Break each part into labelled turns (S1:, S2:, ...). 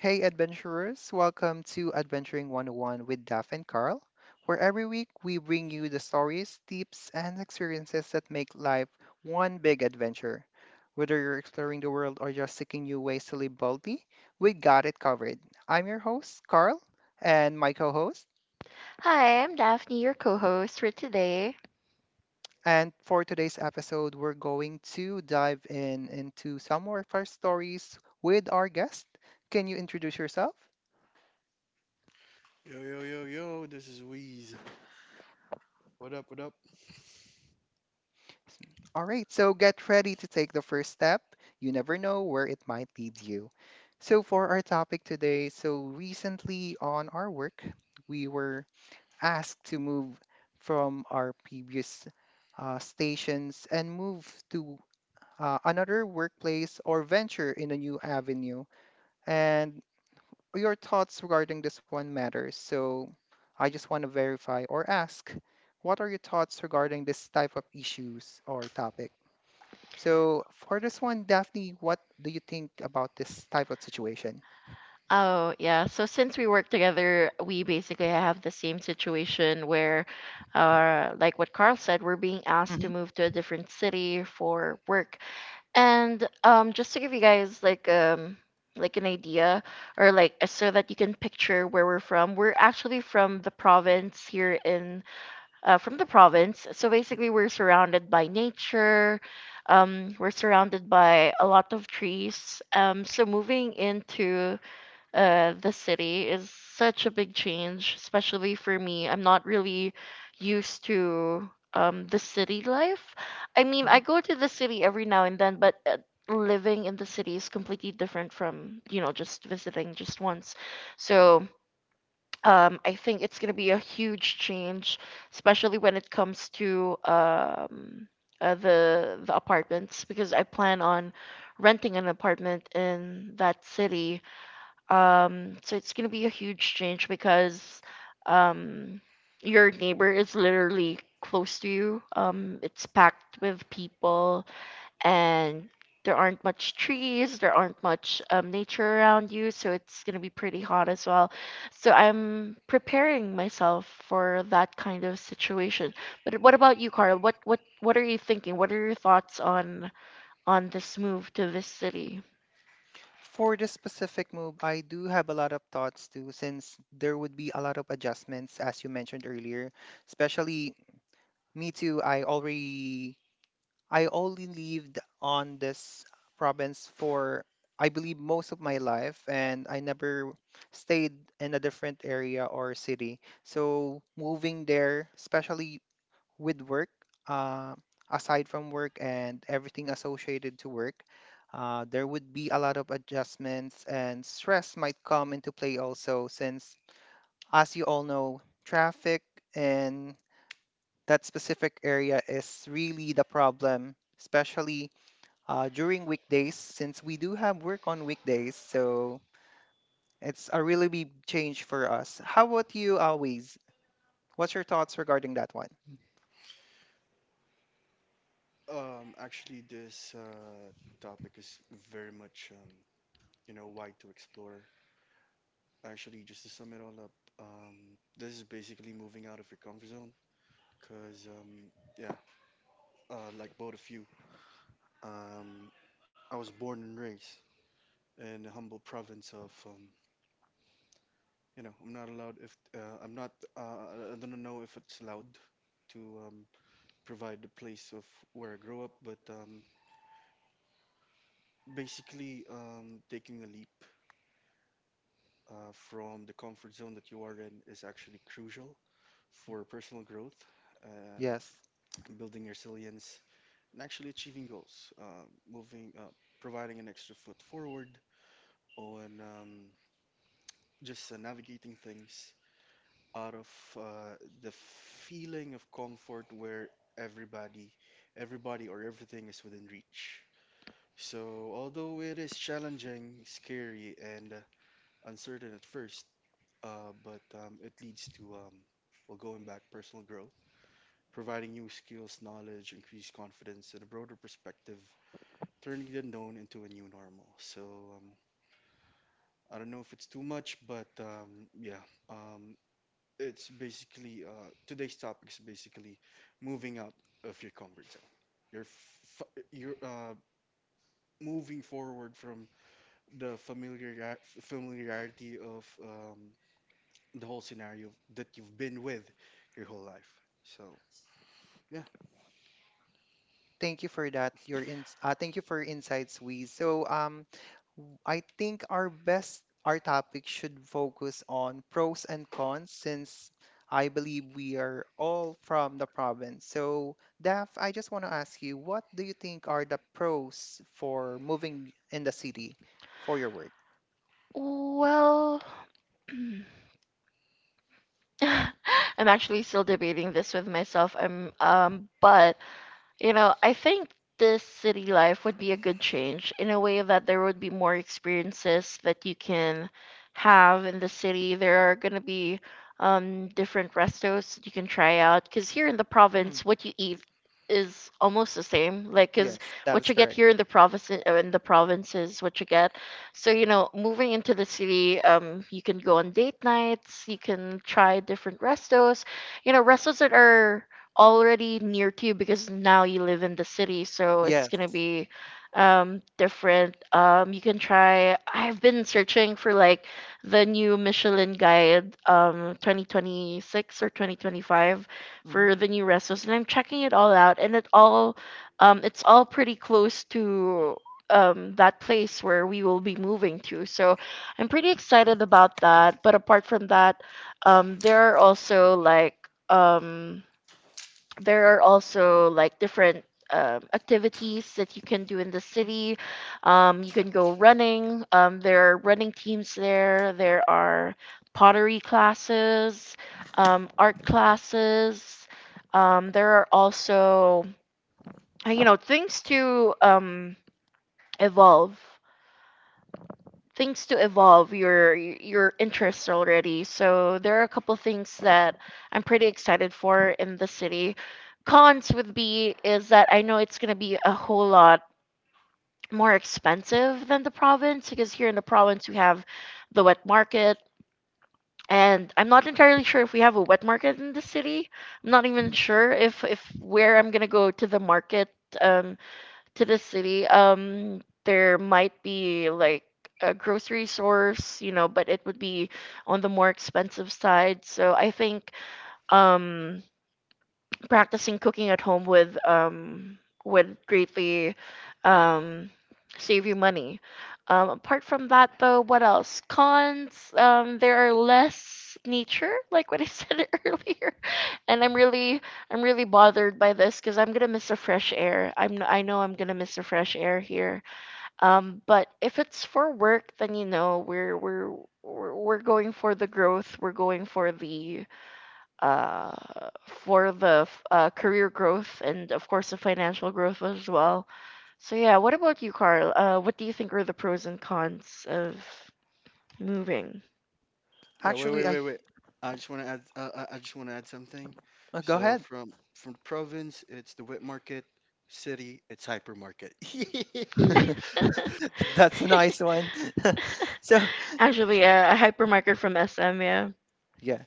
S1: Hey, adventurers, welcome to Adventuring 101 with Daph and Carl, where every week we bring you the stories, tips, and experiences that make life one big adventure. Whether you're exploring the world or just seeking new ways to live boldly, we got it covered. I'm your host, Carl, and my co host.
S2: Hi, I'm Daphne, your co-host for today.
S1: And for today's episode, we're going to dive in into some more of our stories with our guest. Can you introduce yourself?
S3: Yo yo yo yo, this is Wheeze. What up, what up?
S1: All right, so get ready to take the first step. You never know where it might lead you. So, for our topic today, so recently on our work, we were asked to move from our previous stations and move to another workplace or venture in a new avenue. And your thoughts regarding this one matters. So, I just want to verify or ask, what are your thoughts regarding this type of issues or topic? So for this one, Daphne, what do you think about this type of situation?
S2: Oh, yeah. So since we work together, we basically have the same situation where, like what Carl said, we're being asked to
S1: Mhm,
S2: move to a different city for work. And Just to give you guys like an idea or like so that you can picture where we're from, we're actually from the province here in from the province. So basically, we're surrounded by nature. We're surrounded by a lot of trees. So moving into the city is such a big change, especially for me. I'm not really used to the city life. I mean,
S1: mhm.
S2: I go to the city every now and then, but living in the city is completely different from just visiting just once. So I think it's going to be a huge change, especially when it comes to the apartments, because I plan on renting an apartment in that city. So it's going to be a huge change because um, your neighbor is literally close to you. It's packed with people and there aren't much trees, there aren't much nature around you, so it's going to be pretty hot as well. So I'm preparing myself for that kind of situation. But what about you, Carl? What are you thinking? What are your thoughts on this move to this city?
S1: For this specific move, I do have a lot of thoughts too, since there would be a lot of adjustments, as you mentioned earlier. Especially me too, I only lived on this province for, I believe, most of my life, and I never stayed in a different area or city. So moving there, especially with work, uh, aside from work and everything associated to work, there would be a lot of adjustments and stress might come into play also, since, as you all know, traffic in that specific area is really the problem, especially during weekdays since we do have work on weekdays. So it's a really big change for us. How about you, always? What's your thoughts regarding that one?
S3: Actually This topic is very much, wide to explore. Actually, just to sum it all up, this is basically moving out of your comfort zone cuz yeah, like both of you, um I was born and raised in a humble province of. I'm not I don't know if it's allowed to um provide the place of where I grew up, but basically, taking a leap from the comfort zone that you are in is actually crucial for personal growth
S1: Yes.
S3: and building resilience and actually achieving goals. Providing an extra foot forward on, just navigating things out of, uh, the feeling of comfort where everybody, everybody or everything is within reach. So, although it is challenging, scary, and uncertain at first, but it leads to, well, going back, personal growth, providing new skills, knowledge, increased confidence, and a broader perspective, turning the unknown into a new normal. So, um, I don't know if it's too much, but yeah, um, it's basically today's topic is basically moving out of your comfort zone. You're f- you're moving forward from the familiarity of, the whole scenario that you've been with your whole life. So yeah.
S1: Thank you for that. Your ins Thank you for your insights, Wiz. So I think our topic should focus on pros and cons since I believe we are all from the province. So, Daph, I just want to ask you, what do you think are the pros for moving in the city for your work?
S2: Well, I'm actually still debating this with myself. I'm but You know, I think this city life would be a good change in a way that there would be more experiences that you can have in the city. There are going to be different restos that you can try out because here in the
S1: Mhm.
S2: province, what you eat is almost the same. Like, because
S1: Yes, that
S2: what
S1: is
S2: you get
S1: correct.
S2: here in the province is what you get. So you know, moving into the city, you can go on date nights. You can try different restos. You know, restos that are already near to you because now you live in the city, so it's gonna
S1: Yes.
S2: be different. You can try, I've been searching for like the new Michelin guide 2026 or 2025
S1: Hmm.
S2: for the new restos, and I'm checking it all out and it all it's all pretty close to that place where we will be moving to. So I'm pretty excited about that. But apart from that, um there are also like um there are also like different activities that you can do in the city. You can go running. There are running teams there. There are pottery classes, art classes. There are also things to evolve things to evolve your interests already. So there are a couple things that I'm pretty excited for in the city. Cons would be is that I know it's going to be a whole lot more expensive than the province because here in the province we have the wet market, and I'm not entirely sure if we have a wet market in the city. I'm not even sure if where I'm going to go to the market, um to the city, there might be like a grocery stores, you know, but it would be on the more expensive side. So I think um, practicing cooking at home with would greatly um save you money. Apart from that though, what else? Cons, there are less nature, like what I said earlier. And I'm really bothered by this because I'm gonna miss the fresh air. I know I'm gonna miss the fresh air here. But if it's for work, then you know we're going for the growth. We're going for the career growth and, of course, the financial growth as well. So, yeah, what about you, Carl? What do you think are the pros and cons of moving?
S3: Yeah. Wait, wait,
S1: Actually, I
S3: wait, wait. I just want to add. I just want to add something.
S1: go
S3: So
S1: ahead.
S3: from the province, it's the wet market. City, it's hypermarket. Yeah.
S1: That's a nice one. So,
S2: Actually, yeah, a hypermarket from SM, yeah.
S1: yeah.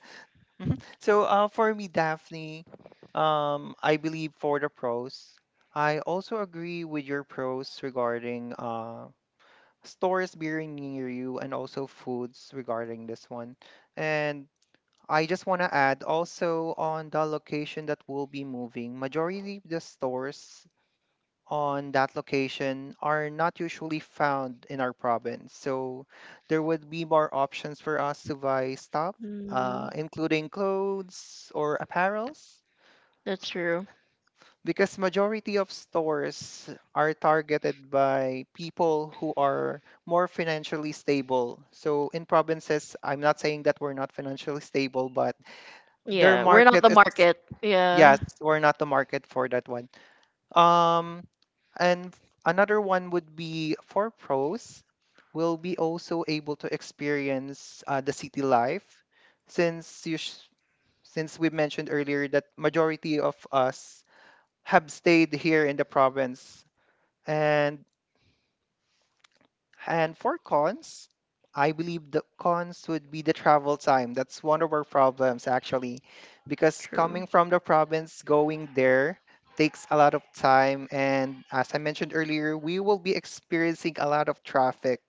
S1: So, for me, Daphne, I believe for the pros, I also agree with your pros regarding stores being near you and also foods regarding this one. And I just want to add also, on the location that we'll be moving, majority of the stores on that location are not usually found in our province. So there would be more options for us to buy stuff,
S2: Mm,
S1: including clothes or apparels,
S2: that's true.
S1: because majority of stores are targeted by people who are more financially stable. So in provinces, I'm not saying that we're not financially stable, but their
S2: Yeah, we're not
S1: market
S2: the
S1: is,
S2: market. Yeah,
S1: yes, we're not the market for that one, um, and another one would be for pros, will be also able to experience the city life, since since we mentioned earlier that majority of us have stayed here in the province, and and for cons, I believe the cons would be the travel time. That's one of our problems actually, because
S2: true,
S1: coming from the province, going there takes a lot of time. And as I mentioned earlier, we will be experiencing a lot of traffic,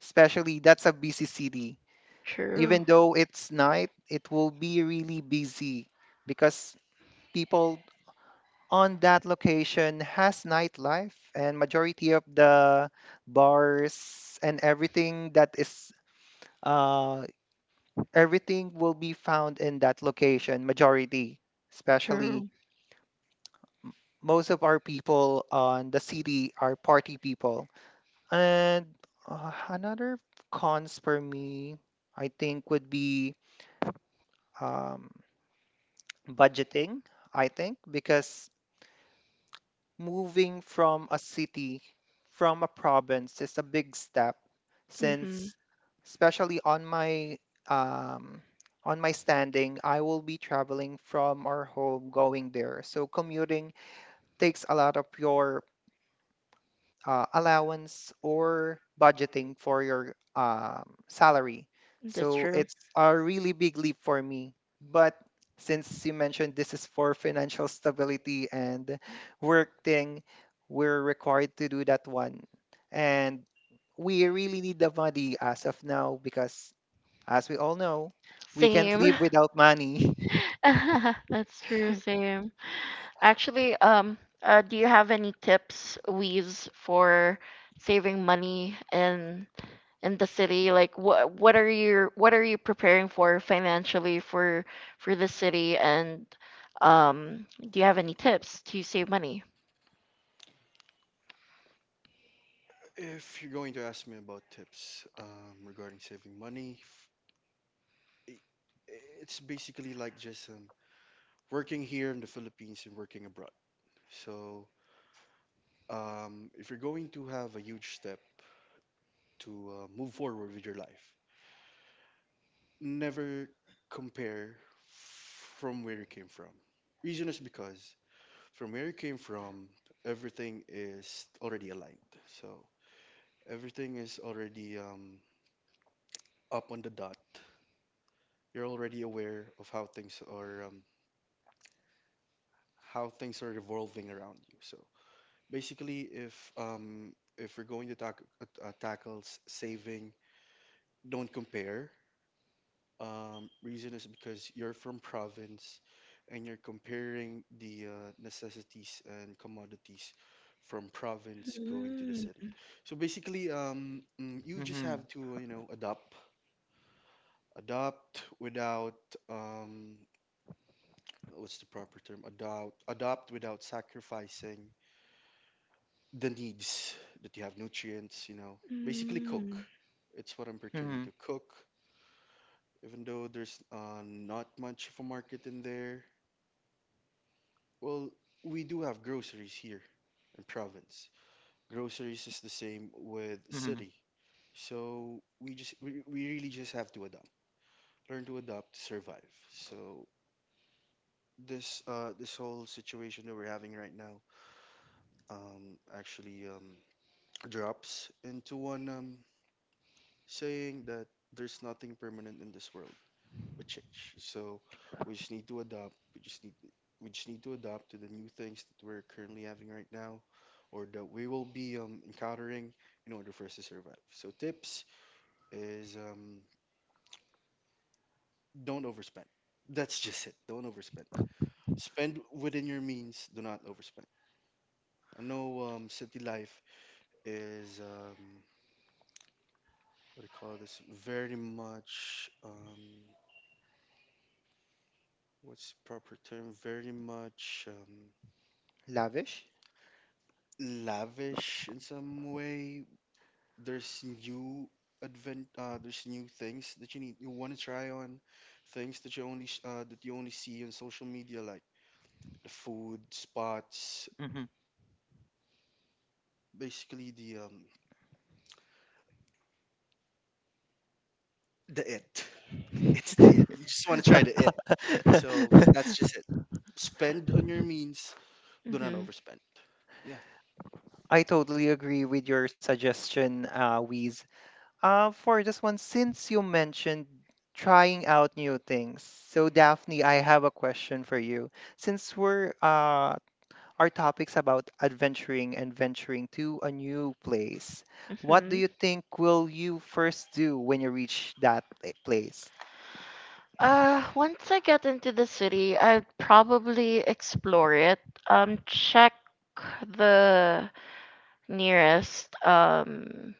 S1: especially that's a busy city.
S2: true,
S1: Even though it's night, it will be really busy, because people on that location has nightlife and majority of the bars and everything that is uh everything will be found in that location, majority, especially
S2: true.
S1: m- most of our people on the city are party people, and another cons for me I think would be um budgeting, I think, because moving from a city, from a province is a big step
S2: Mhm.
S1: since, especially um on my standing, I will be traveling from our home going there. So commuting takes a lot of your allowance or budgeting for your salary.
S2: That's
S1: So
S2: true.
S1: it's a really big leap for me. But since you mentioned this is for financial stability and work thing, we're required to do that one. And we really need the money as of now because, as we all know, we can't
S2: Same.
S1: live without money.
S2: That's true. Same. Actually, do you have any tips, Weez, for saving money in the city? Like, what are you preparing for financially for the city? And do you have any tips to save money?
S3: If you're going to ask me about tips, regarding saving money, i- it's basically like just, working here in the Philippines and working abroad. So, if you're going to have a huge step to, move forward with your life, never compare from where you came from. Reason is because from where you came from, everything is already aligned. So everything is already, up on the dot. You're already aware of how things are revolving around you. So basically, if we're going to tackle saving, don't compare. Reason is because you're from province and you're comparing the, necessities and commodities from province going to the
S2: Mm,
S3: city. So basically, you just
S1: Hmm.
S3: have to, adopt without, um, what's the proper term? Adopt without sacrificing the needs that you have, nutrients, you know, basically cook.
S2: mm,
S3: It's what I'm pertaining
S1: Hmm.
S3: to cook, even though there's, not much of a market in there. Well, we do have groceries here in province. Groceries is the same with
S1: Hmm.
S3: city. So we really just have to adapt. Learn to adapt to survive. So this whole situation that we're having right now, actually, drops into one, saying that there's nothing permanent in this world but change. So we just need to adapt. We just need to adapt to the new things that we're currently having right now, or that we will be, encountering in order for us to survive. So tips is, don't overspend. That's just it. Don't overspend. Spend within your means. Do not overspend. I know, city life is, what do you call this? Very much, what's the proper term? Very much,
S1: Lavish?
S3: lavish in some way. there's new there's new things that you want to try on, things that that you only see on social media, like the food spots,
S1: Hmm.
S3: basically the, the it. It's the it. You just want to try the it. So that's just it. Spend on your means. Do not
S2: mhm,
S3: overspend. Yeah.
S1: I totally agree with your suggestion, Wiz. For this one, since you mentioned trying out new things, so Daphne, I have a question for you. Since we're our topics about adventuring and venturing to a new place, what do
S2: mhm.
S1: you think will you first do when you reach that place?
S2: Once I get into the city, I'd probably explore it. Check the nearest um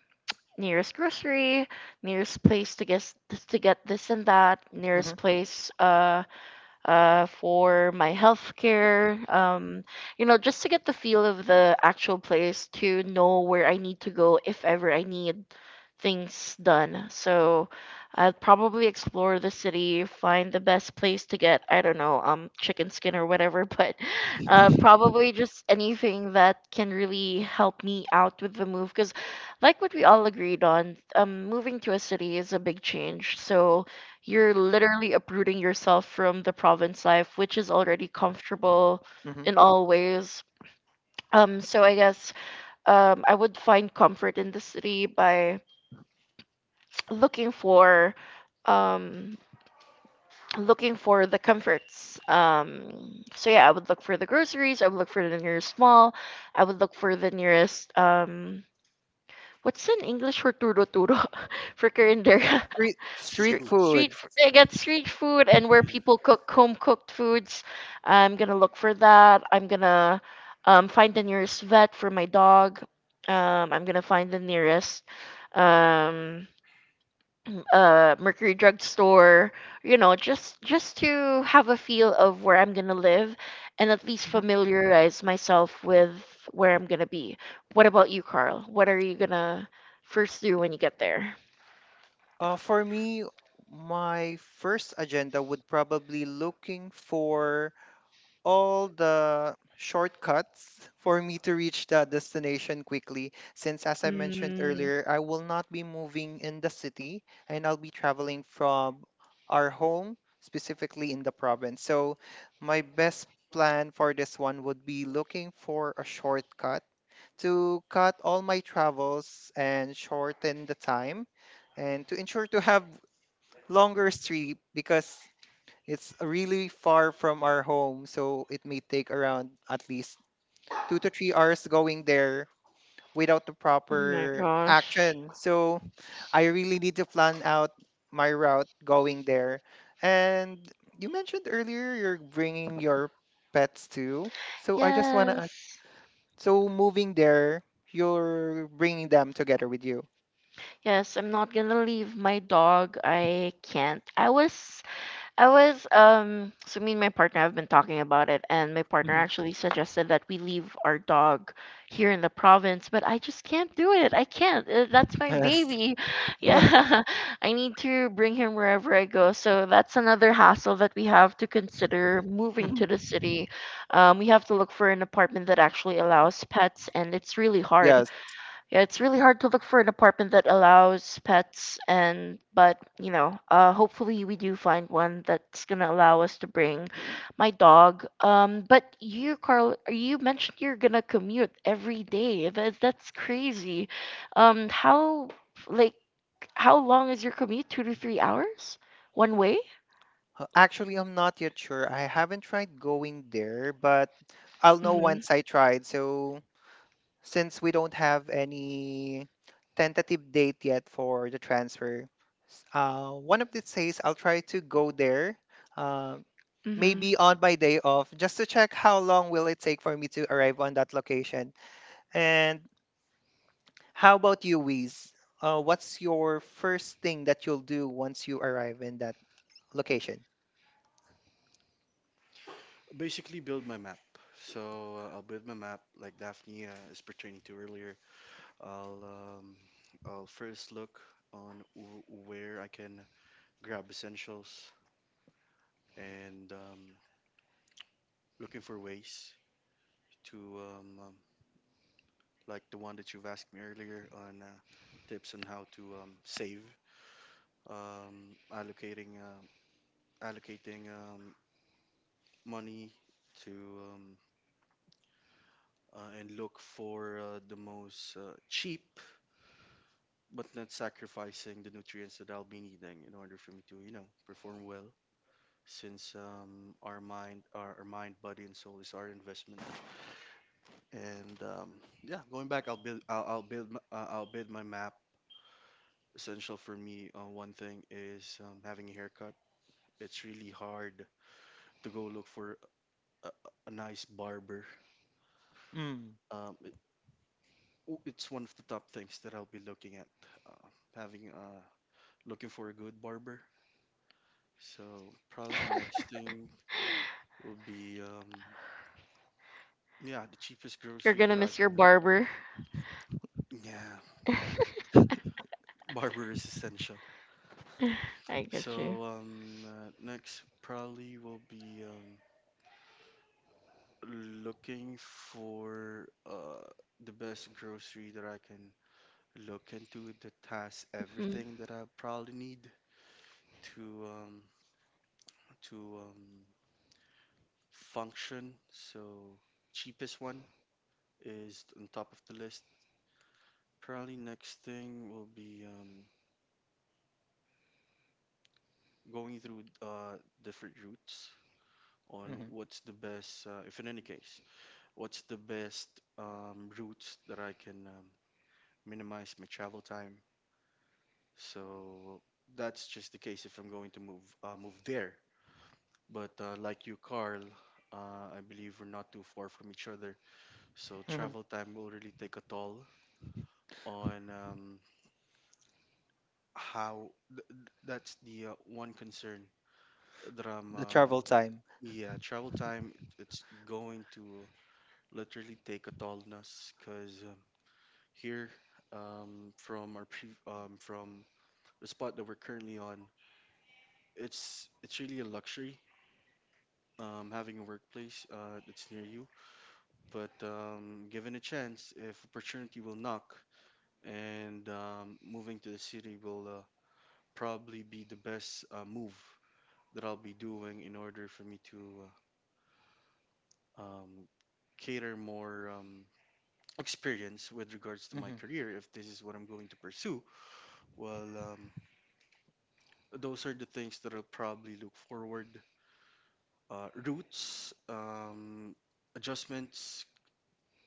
S2: nearest grocery, nearest place to get this and that,
S1: Hmm.
S2: nearest place for my healthcare. You know, just to get the feel of the actual place to know where I need to go if ever I need things done. So I'd probably explore the city, find the best place to get, I don't know, chicken skin or whatever, but probably just anything that can really help me out with the move. Because, like what we all agreed on, moving to a city is a big change. So, you're literally uprooting yourself from the province life, which is already comfortable
S1: Hmm.
S2: in all ways. So I guess I would find comfort in the city by looking for um, looking for the comforts. So yeah, I would look for the groceries. I would look for the nearest mall. I would look for the nearest what's in English for turo turo for currender.
S1: Street
S3: Street
S1: street
S3: foods.
S1: foods.
S2: They get street food and where
S3: Yeah.
S2: people cook home cooked foods. I'm gonna look for that. I'm gonna Find the nearest vet for my dog. I'm gonna find the nearest um, Mercury drugstore, you know, just to have a feel of where I'm gonna live and at least
S1: Mm-hmm.
S2: familiarize myself with where I'm gonna be. What about you, Carl? What are you gonna first do when you get there?
S1: For me, my first agenda would probably looking for all the shortcuts for me to reach the destination quickly. Since, as I mentioned
S2: Mm.
S1: earlier, I will not be moving in the city and I'll be traveling from our home, specifically in the province. So, my best plan for this one would be looking for a shortcut to cut all my travels and shorten the time and to ensure to have longer trip, because it's really far from our home. So it may take around at least 2 to 3 hours going there without the
S2: Oh my
S1: proper
S2: gosh.
S1: action. So I really need to plan out my route going there. And you mentioned earlier you're bringing your pets too. So I just want to ask,
S2: Yes.
S1: so moving there, you're bringing them together with you.
S2: Yes, I'm not gonna leave my dog. I can't. I was So me and my partner have been talking about it, and my partner
S1: Mhm.
S2: actually suggested that we leave our dog here in the province, but I just can't do it. I can't. That's my
S1: Yes.
S2: baby. Yeah. I need to bring him wherever I go. So that's another hassle that we have to consider moving
S1: Mhm.
S2: to the city. Um, we have to look for an apartment that actually allows pets, and it's really hard.
S1: Yes.
S2: Yeah, it's really hard to look for an apartment that allows pets, and but, you know, hopefully we do find one that's going to allow us to bring my dog. Um, but you Carl, you mentioned you're going to commute every day. That's crazy. Um, how like how long is your commute? 2 to 3 hours one way?
S1: Actually, I'm not yet sure. I haven't tried going there, but I'll know
S2: Mhm.
S1: once I tried. So, since we don't have any tentative date yet for the transfer, one of these days I'll try to go there. Uh,
S2: Mhm.
S1: Maybe on my day off, just to check how long will it take for me to arrive on that location. And how about you, Wiz? What's your first thing that you'll do once you arrive in that location?
S3: Basically, build my map. So, I'll build my map like Daphne, is pertaining to earlier. I'll um, I'll first look on where I can grab essentials and, looking for ways to, like the one that you've asked me earlier on, tips on how to, save, um, allocating um allocating, money to, um, and look for, the most, cheap but not sacrificing the nutrients that I'll be needing in order for me to, you know, perform well since, our mind, body, and soul is our investment. And, yeah, going back, I'll build, m- I'll build my map. Essential for me, one thing is, having a haircut. It's really hard to go look for a, a a nice barber.
S1: Mm.
S3: Um, it, it's one of the top things that I'll be looking at, uh, having looking for a good barber. So probably next thing will be, yeah, the cheapest
S2: You're
S3: grocery
S2: going to
S3: that I
S2: miss your
S3: can.
S2: barber.
S3: Yeah, barber is essential.
S2: I get you.
S3: So, next probably will be, looking for, the best grocery that I can look into that has
S2: Mm-hmm.
S3: everything that I probably need to, to um, function. So cheapest one is on top of the list. Probably next thing will be, going through, different routes on what's the best, if in any case. What's the best, routes that I can, minimize my travel time? So that's just the case if I'm going to move there. But, like you, Carl, I believe we're not too far from each other. So
S1: Hmm.
S3: travel time will really take a toll on, that's the, one concern that I'm,
S1: The travel time.
S3: yeah, travel time, it's going to literally take a toll on us because here, from the spot that we're currently on. It's really a luxury, having a workplace, that's near you. But, given a chance, if opportunity will knock, and, moving to the city will, probably be the best, move that I'll be doing in order for me to, uh, um, cater more, experience with regards to my
S1: Mm-hmm.
S3: career if this is what I'm going to pursue. Well, those are the things that I'll probably look forward. Routes, adjustments,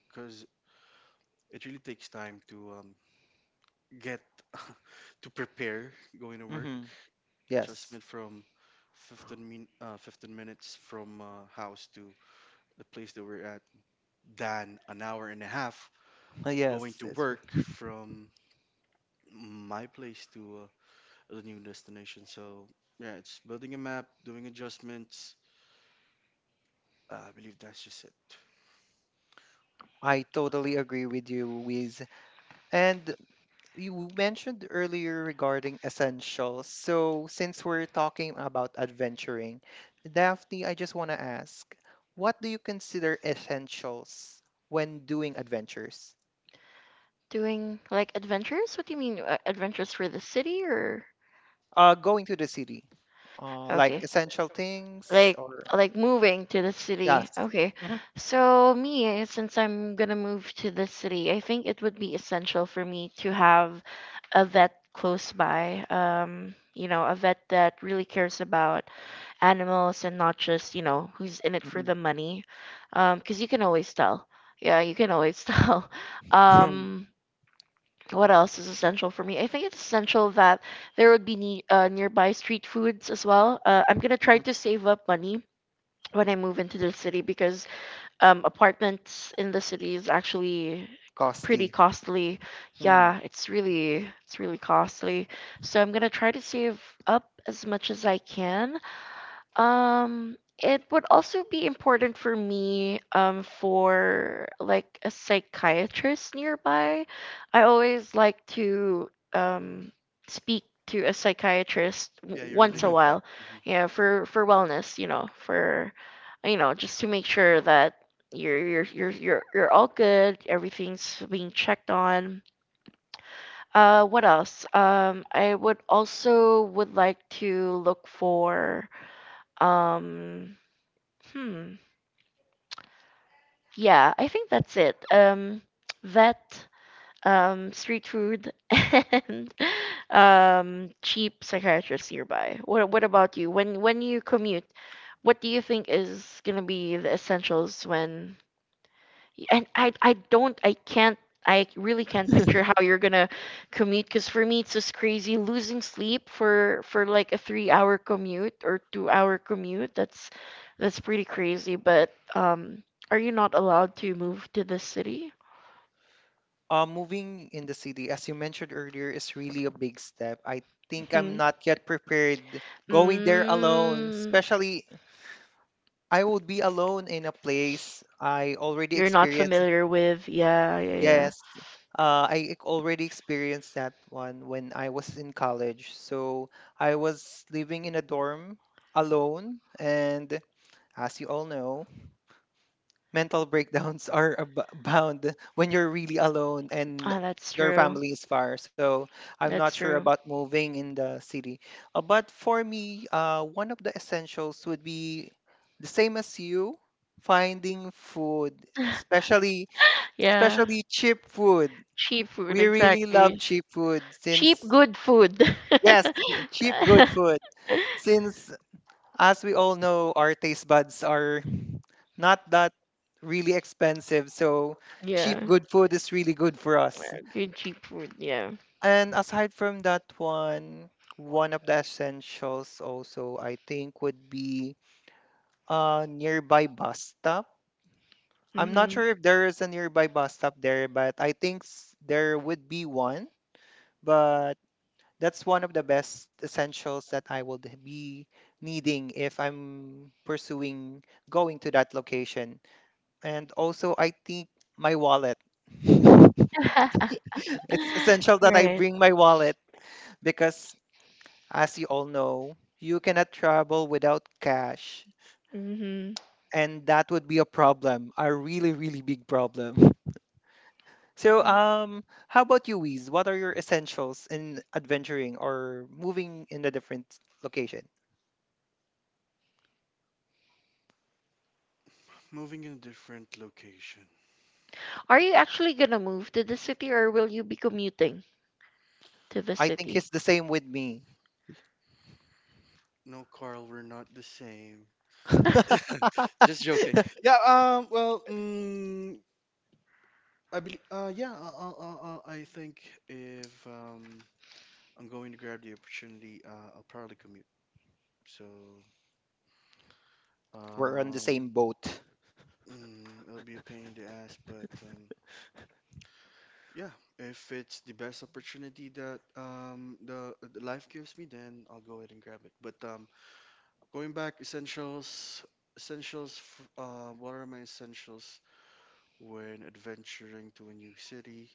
S3: because it really takes time to, get to prepare going to work.
S1: Mm-hmm. Yes.
S3: Adjustment from 15 minutes from, house to the place that we're at, than an hour and a half going
S1: Yes.
S3: to work from my place to, the new destination. So yeah, it's building a map, doing adjustments. I believe that's just it.
S1: I totally agree with you, Wiz. And you mentioned earlier regarding essentials. So, since we're talking about adventuring, Daphne, I just want to ask, what do you consider essentials when doing adventures?
S2: Doing like adventures? What do you mean adventures for the city or?
S1: Going to the city, like
S2: Okay.
S1: essential
S2: Like
S1: things, or
S2: moving to the city.
S1: yes,
S2: Okay. So me, since I'm gonna move to the city, I think it would be essential for me to have a vet close by. You know, a vet that really cares about animals and not just, you know, who's in it for
S1: mm-hmm.
S2: the money. 'Cause you can always tell. Yeah, you can always tell.
S1: Mm-hmm.
S2: Um, what else is essential for me? I think it's essential that there would be nearby street foods as well. I'm gonna try to save up money when I move into the city because apartments in the city is actually pretty
S1: Costly.
S2: costly.
S1: Mm-hmm.
S2: Yeah, it's really costly. So I'm gonna try to save up as much as I can. It would also be important for me for like a psychiatrist nearby. I always like to speak to a psychiatrist
S3: Yeah, you really
S2: once a
S3: need that.
S2: while.
S3: Mhm.
S2: Yeah, for wellness, you know, for you know, just to make sure that you're all good, everything's being checked on. What else? I would also would like to look for um Hmm. Yeah, I think that's it. Vet, street food, and cheap psychiatrist nearby. What about you? When you commute, what do you think is gonna be the essentials when Y- and I don't I can't I really can't picture how you're gonna commute because for me it's just crazy losing sleep for like a 3 hour commute or 2 hour commute. That's pretty crazy, but um, are you not allowed to move to the city?
S1: Moving in the city, as you mentioned earlier, is really a big step. I think I'm
S2: Hmm.
S1: not yet prepared going there alone,
S2: Mm,
S1: especially I would be alone in a place I already
S2: you're not
S1: experienced.
S2: familiar with, yeah, yeah, yeah.
S1: Yes, already experienced that one when I was in college. So I was living in a dorm alone, and as you all know, mental breakdowns are bound when you're really alone and
S2: Ah, that's
S1: your
S2: true.
S1: family is far. So I'm not
S2: That's
S1: sure
S2: true.
S1: about moving in the city. But for me, one of the essentials would be the same as you, finding food, especially
S2: Yeah.
S1: especially cheap food.
S2: Cheap food,
S1: We really
S2: exactly.
S1: love cheap food
S2: Cheap,
S1: since,
S2: good food.
S1: yes, cheap good food. Since, as we all know, our taste buds are not that really expensive. So cheap,
S2: Yeah.
S1: good food is really good for us.
S2: Good, cheap food. Yeah.
S1: And aside from that one, one of the essentials also I think would be a nearby bus stop. I'm not
S2: Mm-hmm.
S1: sure if there is a nearby bus stop there, but I think there would be one. But that's one of the best essentials that I would be needing if I'm pursuing going to that location. And also, I think my wallet. It's essential that I
S2: Right.
S1: bring my wallet because, as you all know, you cannot travel without cash.
S2: Mm-hmm.
S1: And that would be a problem, a really, really big problem. So, how about you, Wiz? What are your essentials in adventuring or moving in a different location?
S3: Moving in a different location.
S2: Are you actually gonna move to the city or will you be commuting to the
S1: I think
S2: city?
S1: it's the same with me.
S3: No, Carl, we're not the same. Just joking. Yeah. Well. Mm, I believe. Yeah. I think if, I'm going to grab the opportunity, I'll probably commute. So.
S1: We're on the
S3: Um.
S1: same boat.
S3: Mm, it'll be a pain in the ass, but, Yeah. If it's the best opportunity that, the life gives me, then I'll go ahead and grab it. But, going back, essentials. What are my essentials when adventuring to a new city,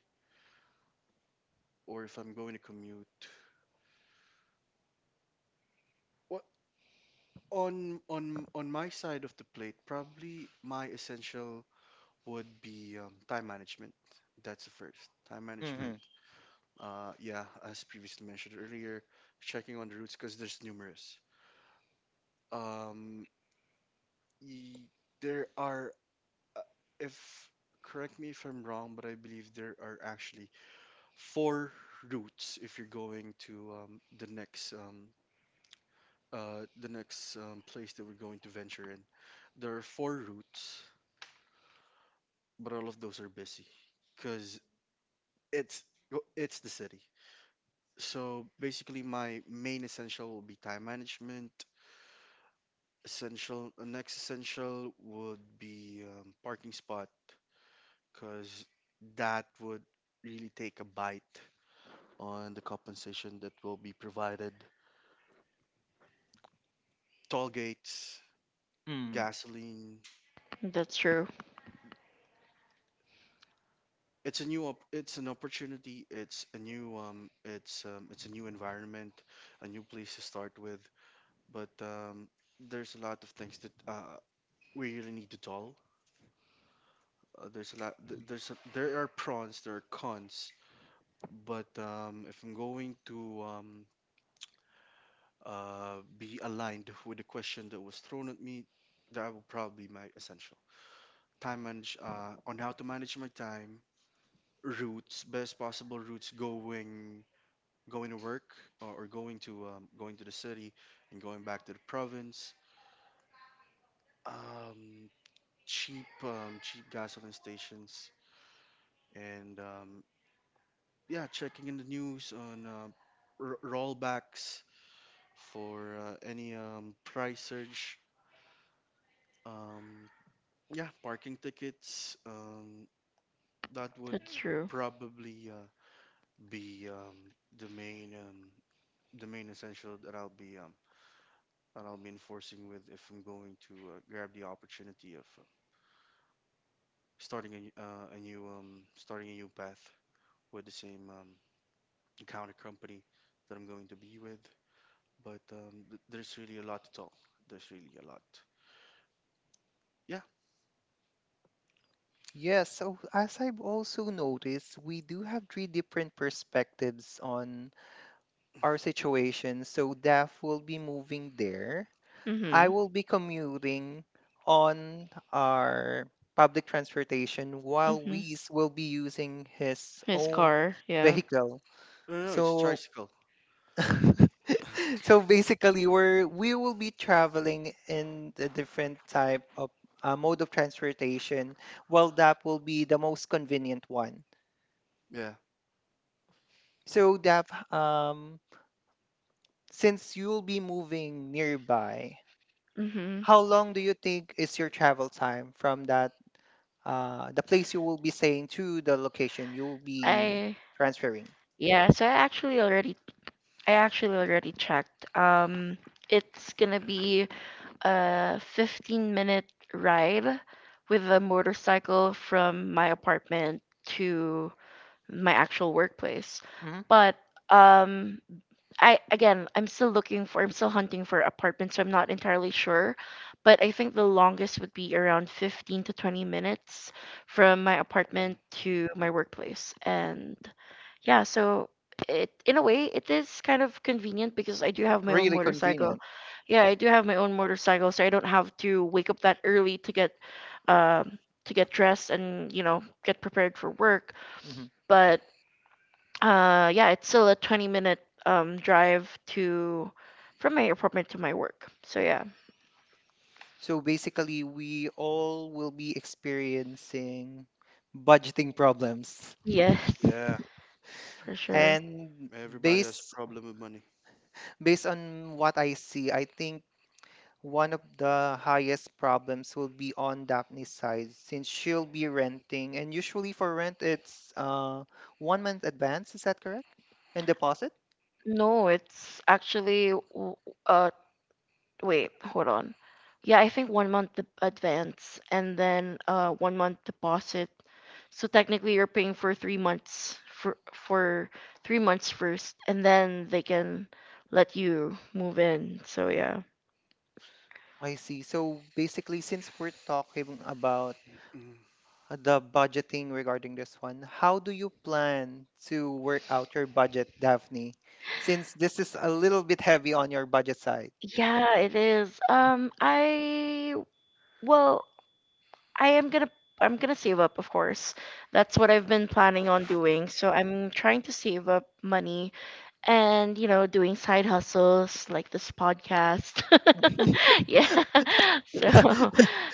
S3: or if I'm going to commute? What, on my side of the plate, probably my essential would be, time management. That's the first. Time management.
S1: Hmm.
S3: Yeah, as previously mentioned earlier, checking on the routes because there's numerous. Um, y- there are, uh, if correct me if I'm wrong, but I believe there are actually four routes if you're going to, the next, place that we're going to venture in. There are four routes, but all of those are busy because it's it's the city. So basically, my main essential will be time management. Essential, next essential would be, parking spot because that would really take a bite on the compensation that will be provided. Toll gates, gasoline.
S2: That's true.
S3: It's an opportunity. It's a new environment, a new place to start with. But, there's a lot of things that, we really need to dull. There's a lot th- there's a, There are pros, there are cons. But, if I'm going to, be aligned with the question that was thrown at me, that will probably be my essential. Time manage On how to manage my time routes, best possible routes going to work, or going to, going to the city and going back to the province. Um, Cheap gasoline stations and, yeah, checking in the news on, rollbacks for, any, price surge. Um, yeah, parking tickets. That would
S2: That's true.
S3: probably be the main essential that I'll be enforcing with if I'm going to grab the opportunity of starting a new starting a new path with the same encounter company that I'm going to be with. There's really a lot to talk. There's really a lot. Yeah,
S1: Yes, so as I've also noticed, we do have three different perspectives on our situation. So Daph will be moving there. I
S2: Mm-hmm.
S1: will be commuting on our public transportation while
S2: Mm-hmm.
S1: Wies will be using his
S2: His
S1: own
S2: car, yeah.
S1: vehicle.
S3: no, no, no, it's
S1: So
S3: tricycle.
S1: so basically we will be traveling in a different type of mode of transportation, while Daph will be the most convenient one.
S3: Yeah.
S1: So, Daph, um, since you'll be moving nearby,
S2: Mm-hmm.
S1: how long do you think is your travel time from that the place you will be staying to the location you'll be
S2: I
S1: transferring?
S2: Yeah, so I actually already checked. It's gonna be a 15-minute ride with a motorcycle from my apartment to my actual workplace.
S1: Mhm.
S2: But um, I'm still looking I'm still hunting for apartments, so I'm not entirely sure. But I think the longest would be around 15 to 20 minutes from my
S3: Mhm,
S2: apartment
S3: mhm.
S2: to my workplace. And yeah, so it in a way it is kind of convenient because I do have my own
S1: Really
S2: motorcycle.
S1: convenient.
S2: Yeah, I do have my own motorcycle, so I don't have to wake up that early um to get dressed and you know get prepared for work.
S1: Mhm.
S2: But yeah, it's still a 20 minute drive to from my apartment to my work. So yeah.
S1: So basically, we all will be experiencing budgeting problems.
S2: Yes,
S3: Yeah,
S2: for sure.
S1: And
S3: everybody has a
S1: based
S3: problem with money.
S1: based on what I see, I think one of the highest problems will be on Daphne's side, since she'll be renting, and usually for rent, it's 1 month advance. Is that correct? And deposit?
S2: No, it's uh wait, hold on. Yeah, I think 1 month advance and then 1 month deposit. So technically, you're paying for 3 months for 3 months first, and then they can let you move in. So yeah,
S1: I see. So basically, since we're talking about
S3: Mhm.
S1: the budgeting regarding this one, how do you plan to work out your budget, Daphne? Since this is a little bit heavy on your budget side.
S2: yeah, it is. Well, I am gonna I'm gonna save up, of course. That's what I've been planning on doing. So I'm trying to save up money and you know doing side hustles like this podcast. Yeah. so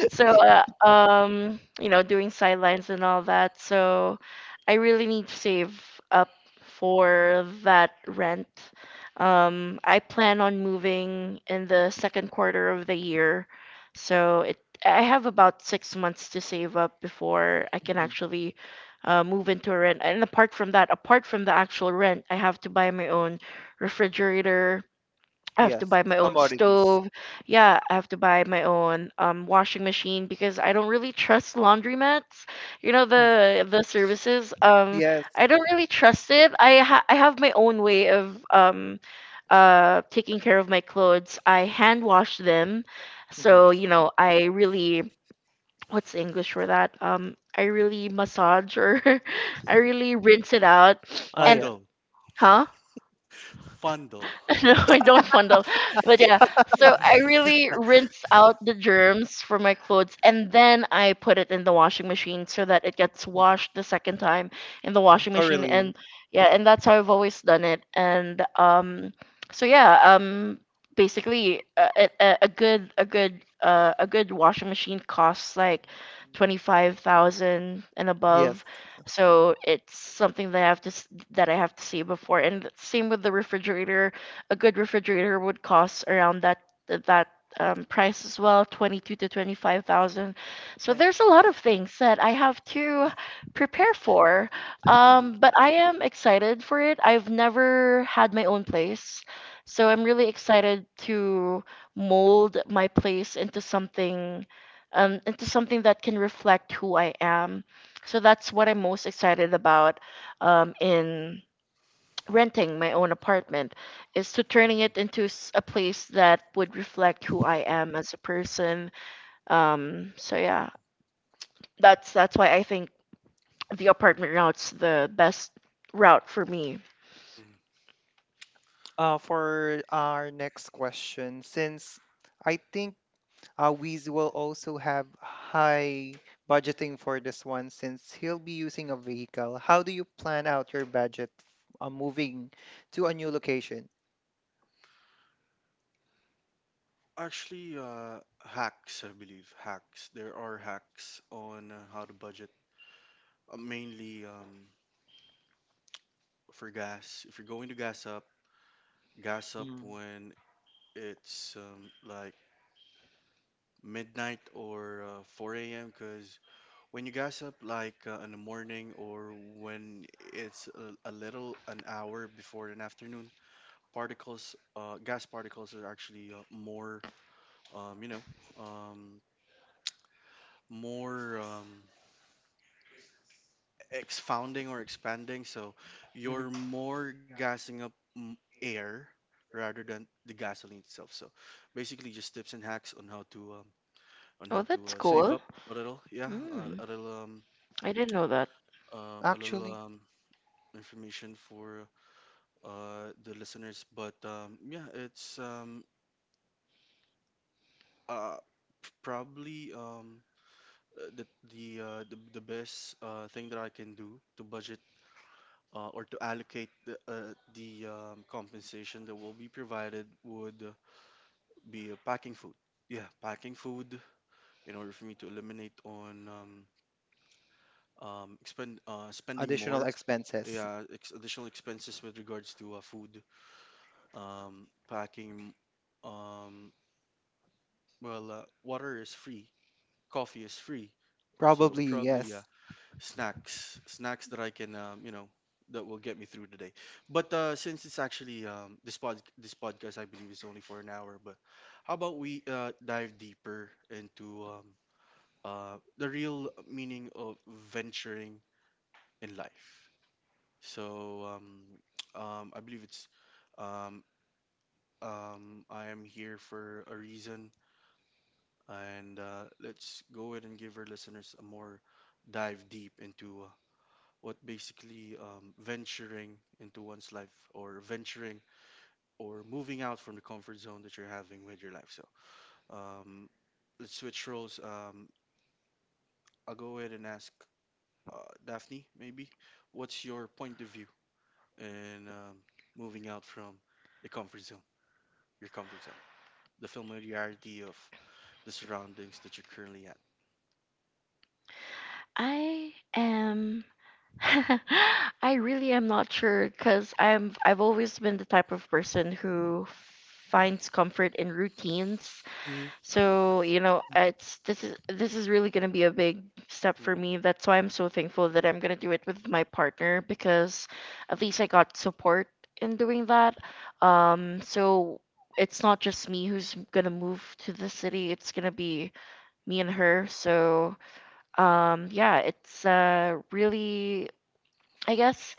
S2: so you know doing sidelines and all that, so I really need to save up for that rent. I plan on moving in the second quarter of the year, so it I have about 6 months to save up before I can
S1: Mhm.
S2: actually move into a rent. And apart from that, apart from the actual rent, I have to buy my own refrigerator. I have to
S1: Yes,
S2: buy my own
S1: commodities.
S2: stove. Yeah, I have to buy my own washing machine because I don't really trust laundromats. You know,
S1: Mm.
S2: the services.
S1: Yes.
S2: I don't really trust it. I have my own way of taking care of my clothes. I hand wash them,
S1: Mhm.
S2: so you know I really, what's the English for that? I really massage, or I really rinse it out,
S1: Ah,
S2: and
S1: yeah,
S3: Fundle,
S2: huh?
S3: fundle.
S2: No, I don't fondle. But yeah, so I really rinse out the germs from my clothes and then I put it in the washing machine so that it gets washed the second time in the washing machine.
S1: thoroughly.
S2: And yeah, and that's how I've always done it. And so yeah, basically a good a good a good washing machine costs like 25,000 and
S1: Yes.
S2: above, so it's something that I have that I have to see before. And same with the refrigerator, a good refrigerator would cost around that price as well, 22 to 25,000. So
S3: Damn.
S2: there's a lot of things that I have to prepare for. But I am excited for it. I've never had my own place. So I'm really excited to mold my place into something, into something that can reflect who I am. So that's what I'm most excited about, in renting my own apartment, is to turning
S3: Mhm.
S2: it into a place that would reflect who I am as a person. Um, so yeah, that's why I think the apartment route's the best route for me.
S3: Mhm.
S1: For our next question, since I think Wiz will also have high budgeting for this one, since he'll be using a vehicle, how do you plan out your budget moving to a new location?
S3: Actually, hacks, I believe. Hacks. There are hacks on how to budget, mainly for gas. If you're going to gas up
S1: Mm-hmm.
S3: when it's like midnight or 4 a.m. Because when you gas up like in the morning or when it's a little an hour before an afternoon, particles, gas particles are actually more you know, um, more expounding or expanding. So you're more gassing up air rather than the gasoline itself. So basically, just tips and hacks on
S2: Oh,
S3: how to
S2: that's
S3: save
S2: cool.
S3: up a little. Yeah,
S2: Mm, I didn't know that.
S3: a little
S1: Actually,
S3: information for the listeners. But yeah, it's uh, p- probably the the best thing that I can do to budget or to allocate the compensation that will be provided would be packing food. Yeah, packing food in order for me to eliminate on expend spending
S1: additional
S3: more.
S1: expenses.
S3: Yeah, ex additional expenses with regards to food, packing. Um, well, water is free, coffee is free, so
S1: Probably,
S3: probably yeah.
S1: yes.
S3: Snacks that I can you know that will get me through the day. But since it's actually this pod this podcast I believe is only for an hour. But how about we dive deeper into the real meaning of venturing in life? So I believe it's um I am here for a reason, and let's go ahead and give our listeners a more dive deep into what basically venturing into one's life or venturing or moving out from the comfort zone that you're having with your life. So um, let's switch roles. I'll go ahead and ask Daphne, maybe, what's your point of view in moving out from the comfort zone, your comfort zone, the familiarity of the surroundings that you're currently at?
S2: I am. I really am not sure because I'm. I've always been the type of person who finds comfort in routines.
S3: Mm-hmm.
S2: So, you know, it's this is really going to be a big step for
S3: Mm-hmm.
S2: me. That's why I'm so thankful that I'm going to do it with my partner because at least I got support in doing that. So it's not just me who's going to move to the city. It's going to be me and her. So, yeah, it's really, I guess,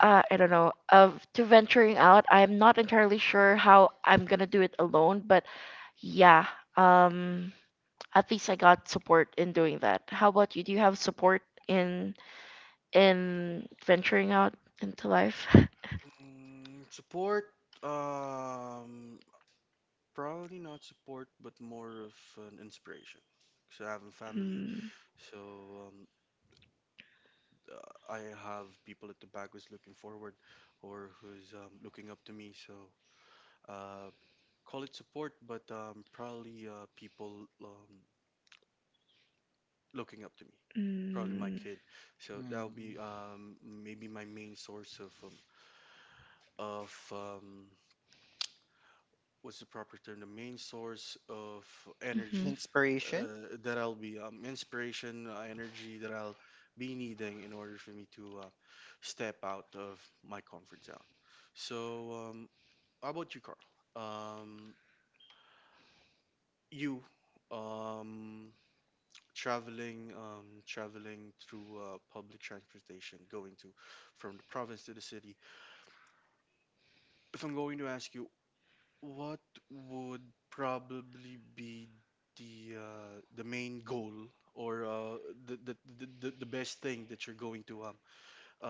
S2: I don't know of to venturing out. I'm not entirely sure how I'm going to do it alone, but yeah. Um at least I got support in doing that. How about you? Do you have support in venturing out into life?
S3: Mm-hmm. Mm, support. Um, Probably not support, but more of an inspiration. So I have a family,
S2: Mm,
S3: so um, I have people at the back who's looking forward or who's looking up to me. So uh, call it support, but probably people looking up to me. Probably my
S2: mm,
S3: kid. So that'll
S1: Mm.
S3: be maybe my main source of of um, what's the proper term, the main source of
S2: mhm.
S3: energy,
S1: Inspiration?
S3: that I'll be inspiration, energy that I'll be needing in order for me to step out of my comfort zone. So how about you, Carl, um, you um, traveling traveling through public transportation going to from the province to the city. If I'm going to ask you, what would probably be the main goal or the, the best thing that you're going to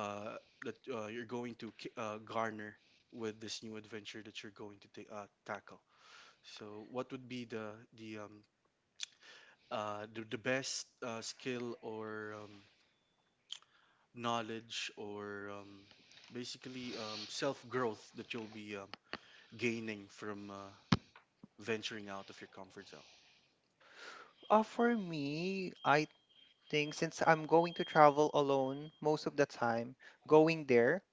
S3: uh that you're going to garner with this new adventure that you're going to tackle? So what would be the the um the best skill or knowledge or basically self growth that you'll be gaining from venturing out of your comfort zone?
S1: For me, I thing since I'm going to travel alone most of the time, going there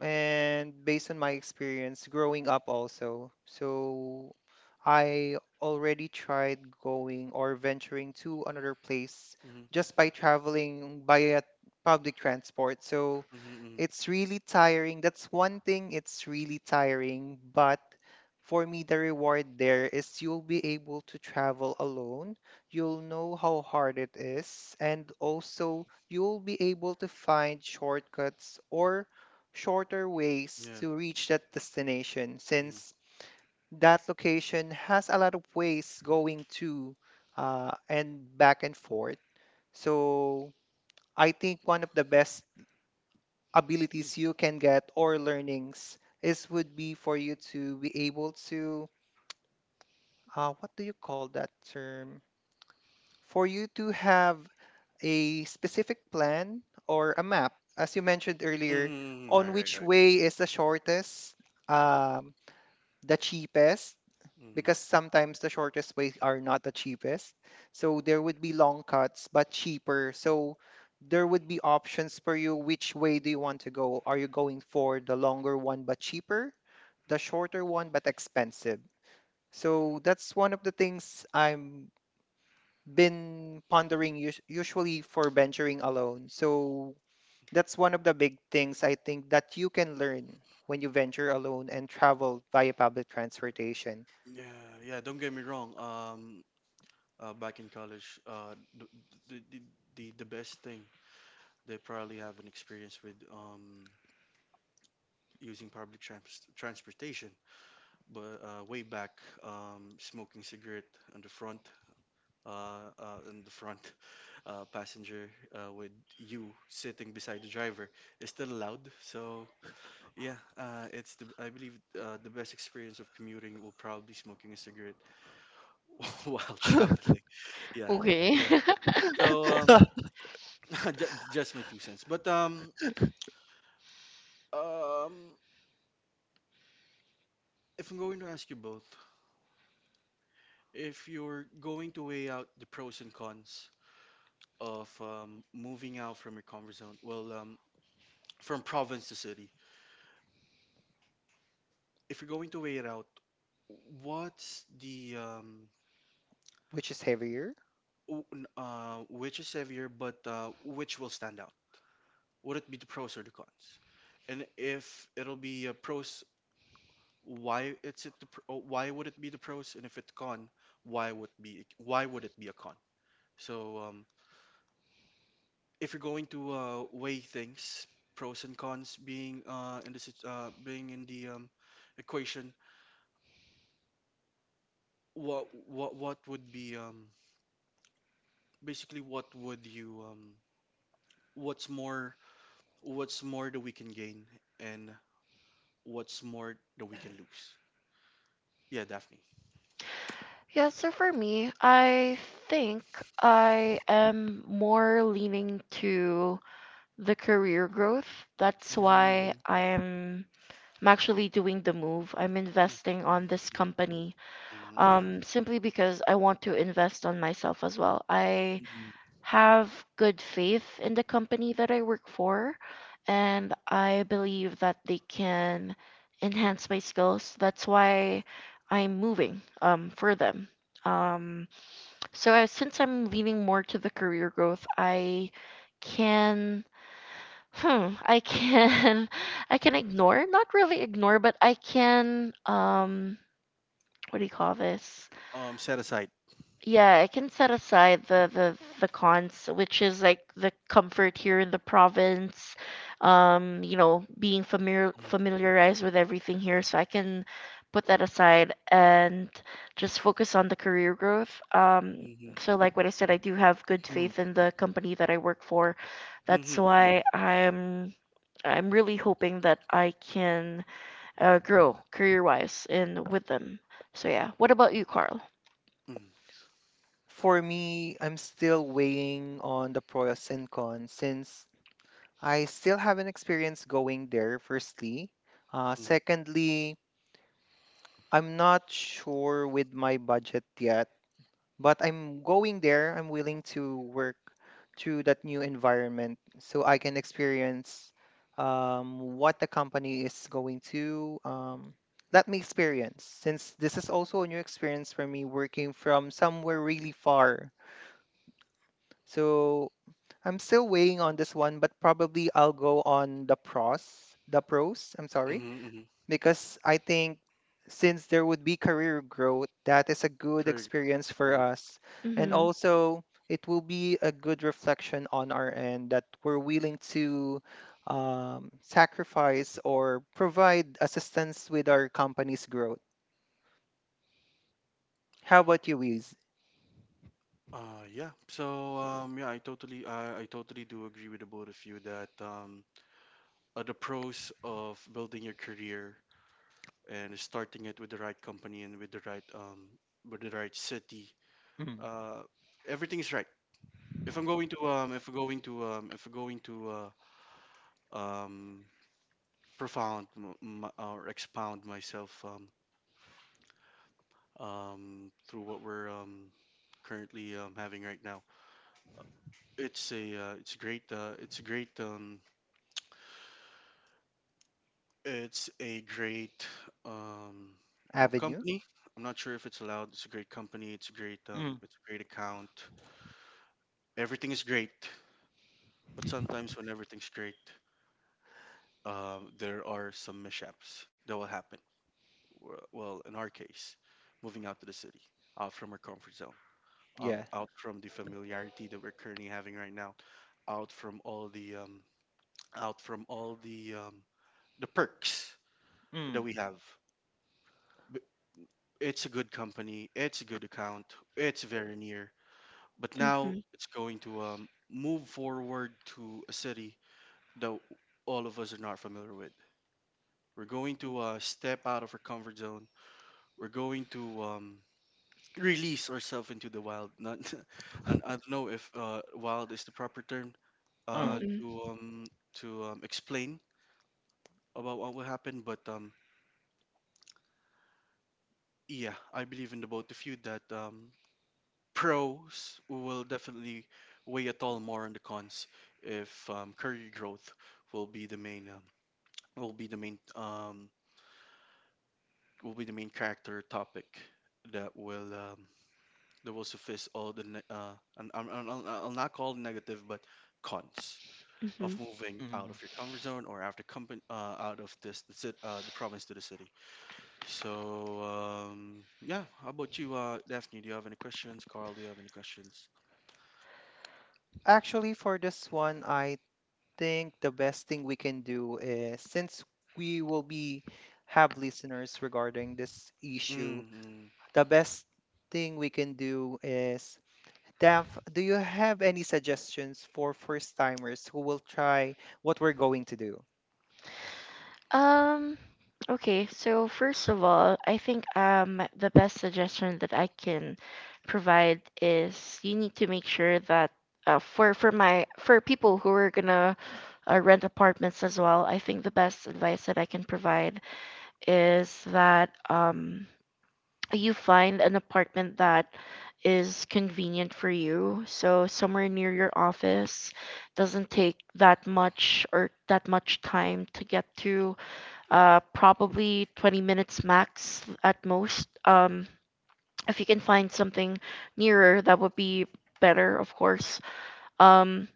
S1: and based on my experience growing up also. So I already tried going or venturing to another place
S3: Hmm.
S1: just by traveling by a public transport. So
S3: Hmm. Hmm.
S1: it's really tiring. That's one thing, it's really tiring, but for me the reward there is you'll be able to travel alone. You'll know how hard it is and also you'll be able to find shortcuts or shorter ways
S3: Yeah.
S1: to reach that destination
S3: Mhm.
S1: since that location has a lot of ways going to and back and forth. So I think one of the best abilities you can get or learnings is would be for you to be able to what do you call that term? For you to have a specific plan or a map, as you mentioned
S3: Mm.
S1: earlier,
S3: Mhm, mhm.
S1: on
S3: Right, right,
S1: which
S3: right.
S1: way is the shortest, um, the cheapest,
S3: Mhm.
S1: because sometimes the shortest ways are not the cheapest. So there would be long cuts, but cheaper. So there would be options for you. Which way do you want to go? Are you going for the longer one but cheaper, the shorter one but expensive? So that's one of the things I'm been pondering usually for venturing alone. So that's one of the big things I think that you can learn when you venture alone and travel via public transportation,
S3: Yeah, yeah, don't get me wrong. Back in college, the, the, the best thing they probably have an experience with using public trans- transportation. But way back, smoking cigarette on the front, on the front passenger with you sitting beside the driver is still allowed. So yeah, it's the I believe the best experience of commuting will probably smoking a cigarette while traveling. Yeah,
S2: Okay.
S3: yeah. So just my two cents. But um, if I'm going to ask you both, if you're going to weigh out the pros and cons of moving out from your comfort zone, well, from province to city, if you're going to weigh it out, what's the
S1: which is heavier.
S3: which is heavier, but which will stand out? Would it be the pros or the cons? And if it'll be a pros, why would it be the pros, and if it's con, why would it be a con? So if you're going to weigh things, pros and cons being being in the equation, what would be basically what would you what's more, what's more that we can gain, and what's more that we can lose? Yeah, Daphne.
S2: Yeah, so for me, I think I am more leaning to the career growth. That's why
S3: Hmm.
S2: I'm actually doing the move. I'm
S3: Hmm.
S2: investing on this
S3: Hmm.
S2: company,
S3: Hmm. Yeah.
S2: simply because I want to invest on myself as well. I have good faith in the company that I work for, and I believe that they can enhance my skills. That's why I'm moving, for them. Um, so I, since I'm leaning more to the career growth, I can. Hmm, I can, I can ignore, not really ignore, but I can, what do you call this?
S3: Set aside.
S2: Yeah, I can set aside the cons, which is like the comfort here in the province. You know, being familiar
S3: Mm-hmm.
S2: familiarized with everything here, so I can put that aside and just focus on the career growth. So like what I said, I do have good faith in the company that I work for. That's
S3: Mm-hmm. Yeah.
S2: why I'm really hoping that I can grow career-wise in with them. So yeah, what about you, Carl?
S3: Mm-hmm.
S1: For me, I'm still weighing on the pros and cons since I still haven't experienced going there, firstly.
S3: Mm-hmm.
S1: Secondly, I'm not sure with my budget yet, but I'm going there. I'm willing to work through that new environment so I can experience what the company is going to let me experience, since this is also a new experience for me working from somewhere really far. So I'm still weighing on this one, but probably I'll go on the pros, I'm sorry,
S3: Mm-hmm. Mm-hmm.
S1: because I think since there would be career growth, that is a good
S3: Correct.
S1: experience for
S3: Mhm.
S1: us. And
S2: Mm-hmm.
S1: also, it will be a good reflection on our end that we're willing to sacrifice or provide assistance with our company's growth. How about you, Wiz?
S3: Yeah. So yeah, I totally do agree with the both of you that the pros of building your career and starting it with the right company and with the with the right city,
S1: Mm.
S3: uh, everything is right. If I'm going to if I'm going to If I'm going to uh, um, profound m- m- or expound myself through what we're currently having right now. It's a great it's a great it's a great um, well
S1: Avenue?
S3: company. I'm not sure if it's allowed. It's a great company. It's a great
S1: Mm.
S3: um, it's a great account. Everything is great, but sometimes when everything's great, there are some mishaps that will happen. Well, in our case, moving out to the city, out from our comfort zone.
S1: Yeah.
S3: Out from the familiarity that we're currently having right now, out from all the um, out from all the perks that
S1: Mm.
S3: we have. B- It's a good company. It's a good account. It's very near. But now
S2: Mhm.
S3: it's going to move forward to a city that all of us are not familiar with. We're going to step out of our comfort zone. We're going to release ourselves into the wild. Not, and I don't know if wild is the proper term, uh,
S1: Mm.
S2: Mhm.
S3: to um, to explain about what will happen. But yeah, I believe in the both of you that pros will definitely weigh at all more on the cons if career growth will be the main will be the main um, will be the main character topic that will um, that will suffice all the and I'll not call it negative but cons of
S2: Mhm.
S3: moving out
S1: Mm.
S3: of your comfort zone or after company out of this the province to the city. So yeah, how about you, Daphne? Do you have any questions? Carl, do you have any questions?
S1: Actually, for this one, I think the best thing we can do is since we will be have listeners regarding this issue,
S3: Mm-hmm.
S1: the best thing we can do is Daph, do you have any suggestions for first timers who will try what we're going to do
S2: Um okay, so first of all, I think the best suggestion that I can provide is you need to make sure that, for people who are gonna rent apartments as well, I think the best advice that I can provide is that you find an apartment that is convenient for you. So somewhere near your office doesn't take that much or that much time to get to. Probably 20 minutes max at most. If you can find something nearer, that would be better, of course. Um,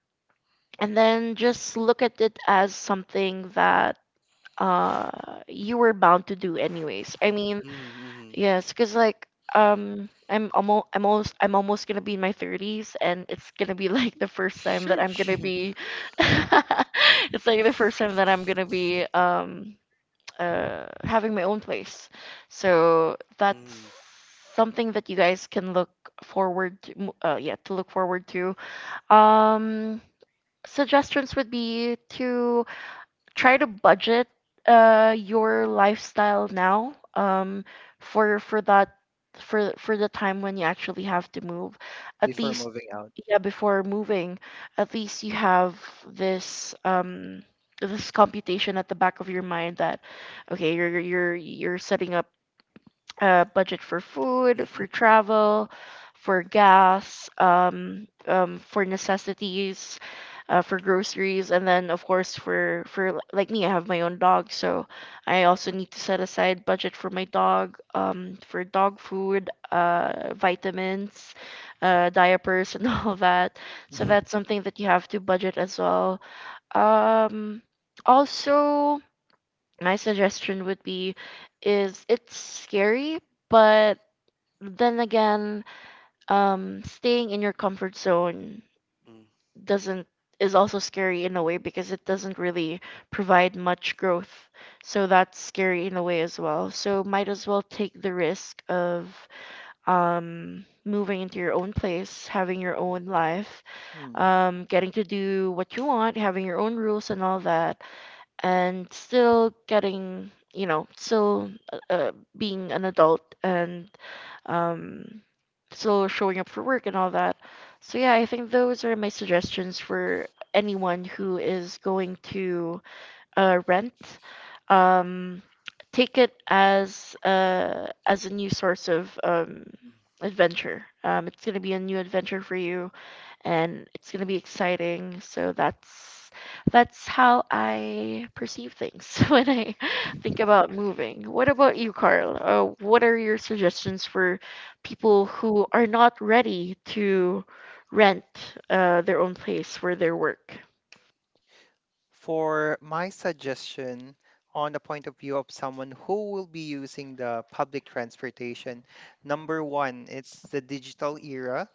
S2: and then just look at it as something that you were bound to do anyways, I mean,
S3: Mm-hmm.
S2: yes, because, like, I'm almost gonna be in my thirties and it's gonna be like the first time that I'm gonna
S3: Sheesh.
S2: be it's like the first time that I'm gonna be, having my own place. So that's
S3: Mm-hmm.
S2: something that you guys can look forward to, yeah, to look forward to. Um Suggestions would be to try to budget your lifestyle now, for for that for the time when you actually have to move, at
S3: Mm-hmm.
S1: before
S2: least,
S1: moving out?
S2: yeah, before moving, at least you have this, this computation at the back of your mind that okay, you're setting up budget for food,
S3: Mm-hmm.
S2: for travel, for gas, for necessities, for groceries, and then of course, like me, I have my own dog, so I also need to set aside budget for my dog, for dog food, vitamins, diapers, and all that. So that's something that you have to budget as well. Um, Also, my suggestion would be, is it's scary, but then again, staying in your comfort zone
S3: Mm-hmm.
S2: doesn't, is also scary in a way because it doesn't really provide much growth, so that's scary in a way as well, so might as well take the risk of, moving into your own place, having your own life,
S1: Mhm.
S2: getting to do what you want, having your own rules and all that, and still getting, you know, still, being an adult and, um, still showing up for work and all that. So yeah, I think those are my suggestions for anyone who is going to, rent. um, Take it as, as a new source of, adventure. It's going to be a new adventure for you and it's going to be exciting. So that's how I perceive things when I think about moving. What about you, Carl? What are your suggestions for people who are not ready to rent, their own place for their work?
S1: For my suggestion, on the point of view of someone who will be using the public transportation, number one, it's the digital era.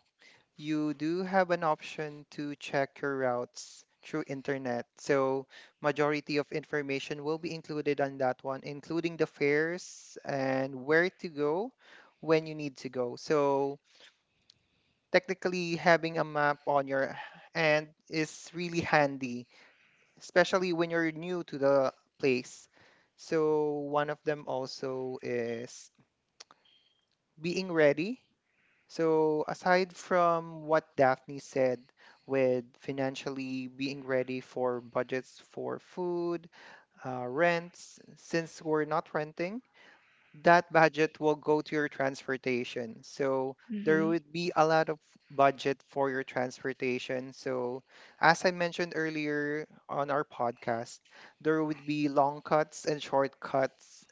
S1: You do have an option to check your routes through internet. So majority of information will be included on that one, including the fares and where to go when you need to go. So technically having a map on your hand is really handy especially when you're new to the place. So one of them also is being ready. So aside from what Daphne said with financially being ready for budgets for food, rents, since we're not renting, that budget will go to your transportation. So there
S2: Mm-hmm.
S1: would be a lot of budget for your transportation. So as I mentioned earlier on our podcast, there would be long cuts and short cuts.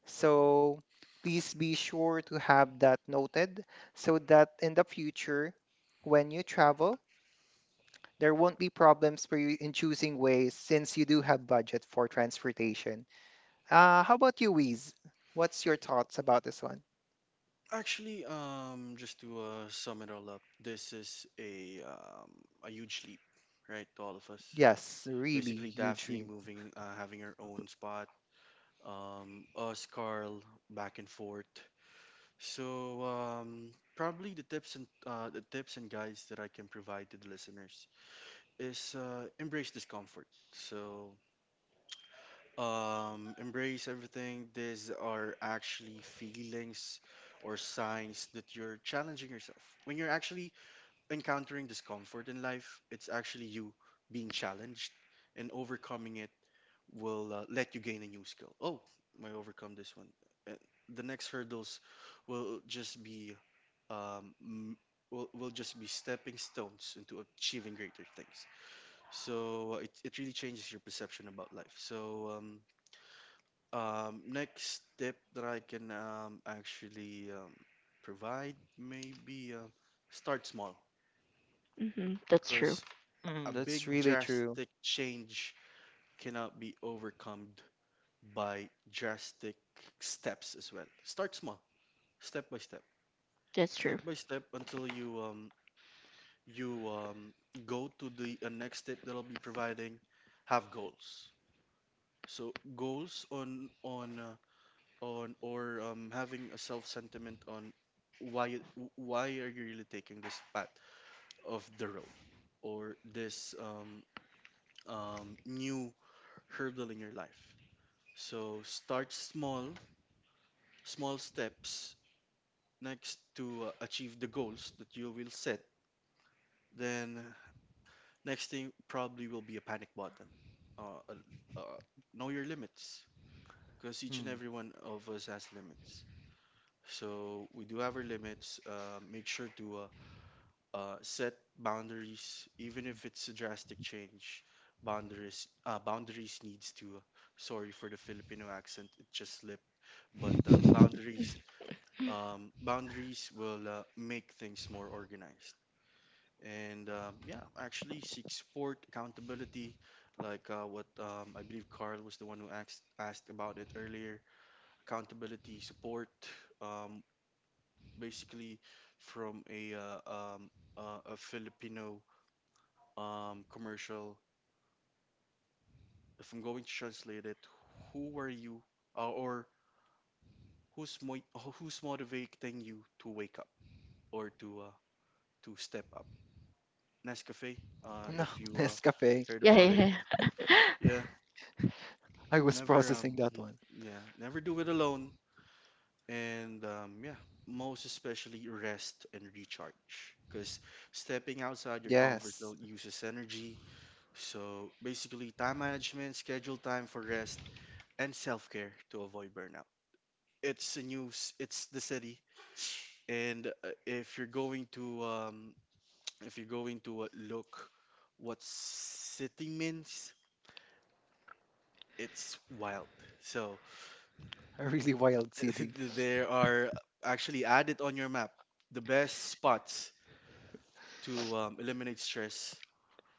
S1: So please be sure to have that noted so that in the future, when you travel, there won't be problems for you in choosing ways since you do have budget for transportation. How about you, Wiz? What's your thoughts about this one?
S3: Actually, just to sum it all up, this is a huge leap, right, to all of us.
S1: Yes, really
S3: Basically,
S1: huge
S3: Daphne
S1: dream.
S3: moving, having her own spot, us, Carl, back and forth. So probably the tips and guides that I can provide to the listeners is embrace discomfort. So embrace everything. These are actually feelings or signs that you're challenging yourself. When you're actually encountering discomfort in life, it's actually you being challenged, and overcoming it will let you gain a new skill. Oh, I overcome this one. And the next hurdles will just be um m- will just be stepping stones into achieving greater things. So it, it really changes your perception about life. So next tip that I can actually provide maybe start small,
S2: Mm-hmm. That's true.
S3: because a
S1: Mm, that's
S3: big
S1: really true.
S3: drastic change cannot be overcome by drastic steps as well. Start small, step by step,
S2: That's
S3: step
S2: true.
S3: by step until you go to the next step that I'll be providing. Have goals. So goals on or having a self sentiment on why are you really taking this path of the road or this new hurdle in your life. So start small, small steps next to achieve the goals that you will set. Then next thing probably will be a panic button. Uh, uh, uh, know your limits, because each and
S1: Mm.
S3: every one of us has limits. So we do have our limits. Make sure to set boundaries, even if it's a drastic change. Boundaries, boundaries needs to. Sorry for the Filipino accent, it just slipped. But boundaries boundaries will make things more organized. And yeah, actually, seek support, accountability, like what I believe Carl was the one who asked about it earlier. Accountability, support, um, basically from a Filipino commercial. If I'm going to translate it, who are you, or who's mo- who's motivating you to wake up or to step up? Nescafe.
S1: No,
S3: If you
S1: Nescafe.
S3: heard
S2: Yeah, yeah,
S3: about it,
S2: yeah.
S3: yeah,
S1: I was
S3: never.
S1: processing that
S3: Mhm,
S1: one.
S3: yeah, never do it alone. And yeah, most especially rest and recharge, because stepping outside your comfort
S1: Yes,
S3: zone uses energy. So basically, time management, schedule time for rest, and self care to avoid burnout. It's the news. It's the city. And if you're going to if you're going to look what city means, it's wild. So
S1: a really wild city.
S3: there are actually add it on your map the best spots to eliminate stress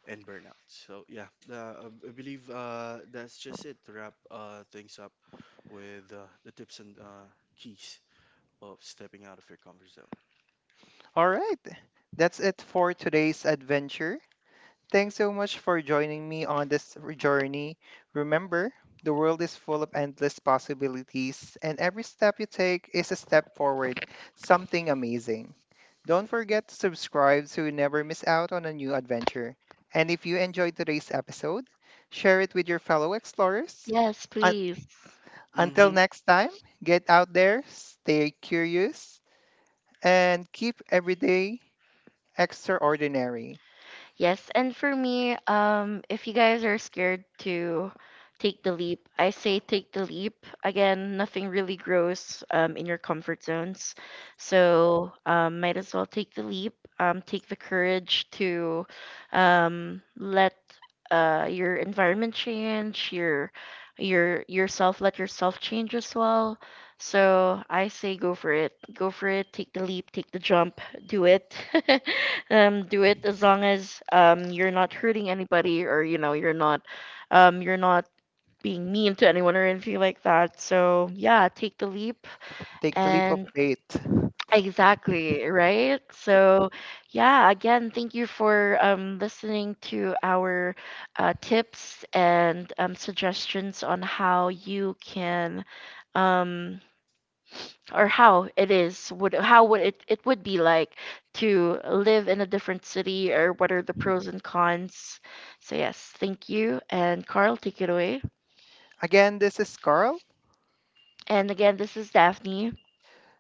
S3: and burnout. So yeah, I I believe that's just it to wrap things up with the tips and keys of stepping out of your comfort zone.
S1: All right, that's it for today's adventure. Thanks so much for joining me on this journey. Remember, the world is full of endless possibilities, and every step you take is a step forward, something amazing. Don't forget to subscribe so you never miss out on a new adventure. And if you enjoyed today's episode, share it with your fellow explorers.
S2: Yes,
S1: Un-
S2: please.
S1: until
S3: Hmm.
S1: next time, get out there, stay curious, and keep every day extraordinary.
S2: Yes, and for me, if you guys are scared to take the leap, I say take the leap. Again, nothing really grows, in your comfort zones, so, might as well take the leap. Take the courage to, let, your environment change, your yourself, let yourself change as well. So I say go for it, go for it. Take the leap, take the jump, do it. Do it as long as, you're not hurting anybody, or you know you're not, you're not being mean to anyone or anything like that. So yeah, take the leap.
S1: Take the leap of
S2: And
S1: faith.
S2: exactly, right? So yeah, again, thank you for, listening to our, tips and, suggestions on how you can, um or how it is would how would it would be like to live in a different city, or what are the pros and cons. So yes, thank you. And Carl, take it away.
S1: Again, this is Carl,
S2: And again, this is Daphne.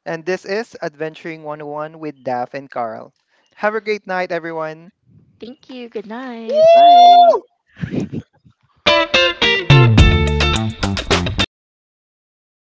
S1: and this is Adventuring 101 with Daph and Carl. Have a great night, everyone.
S2: Thank you. Good night. Bye.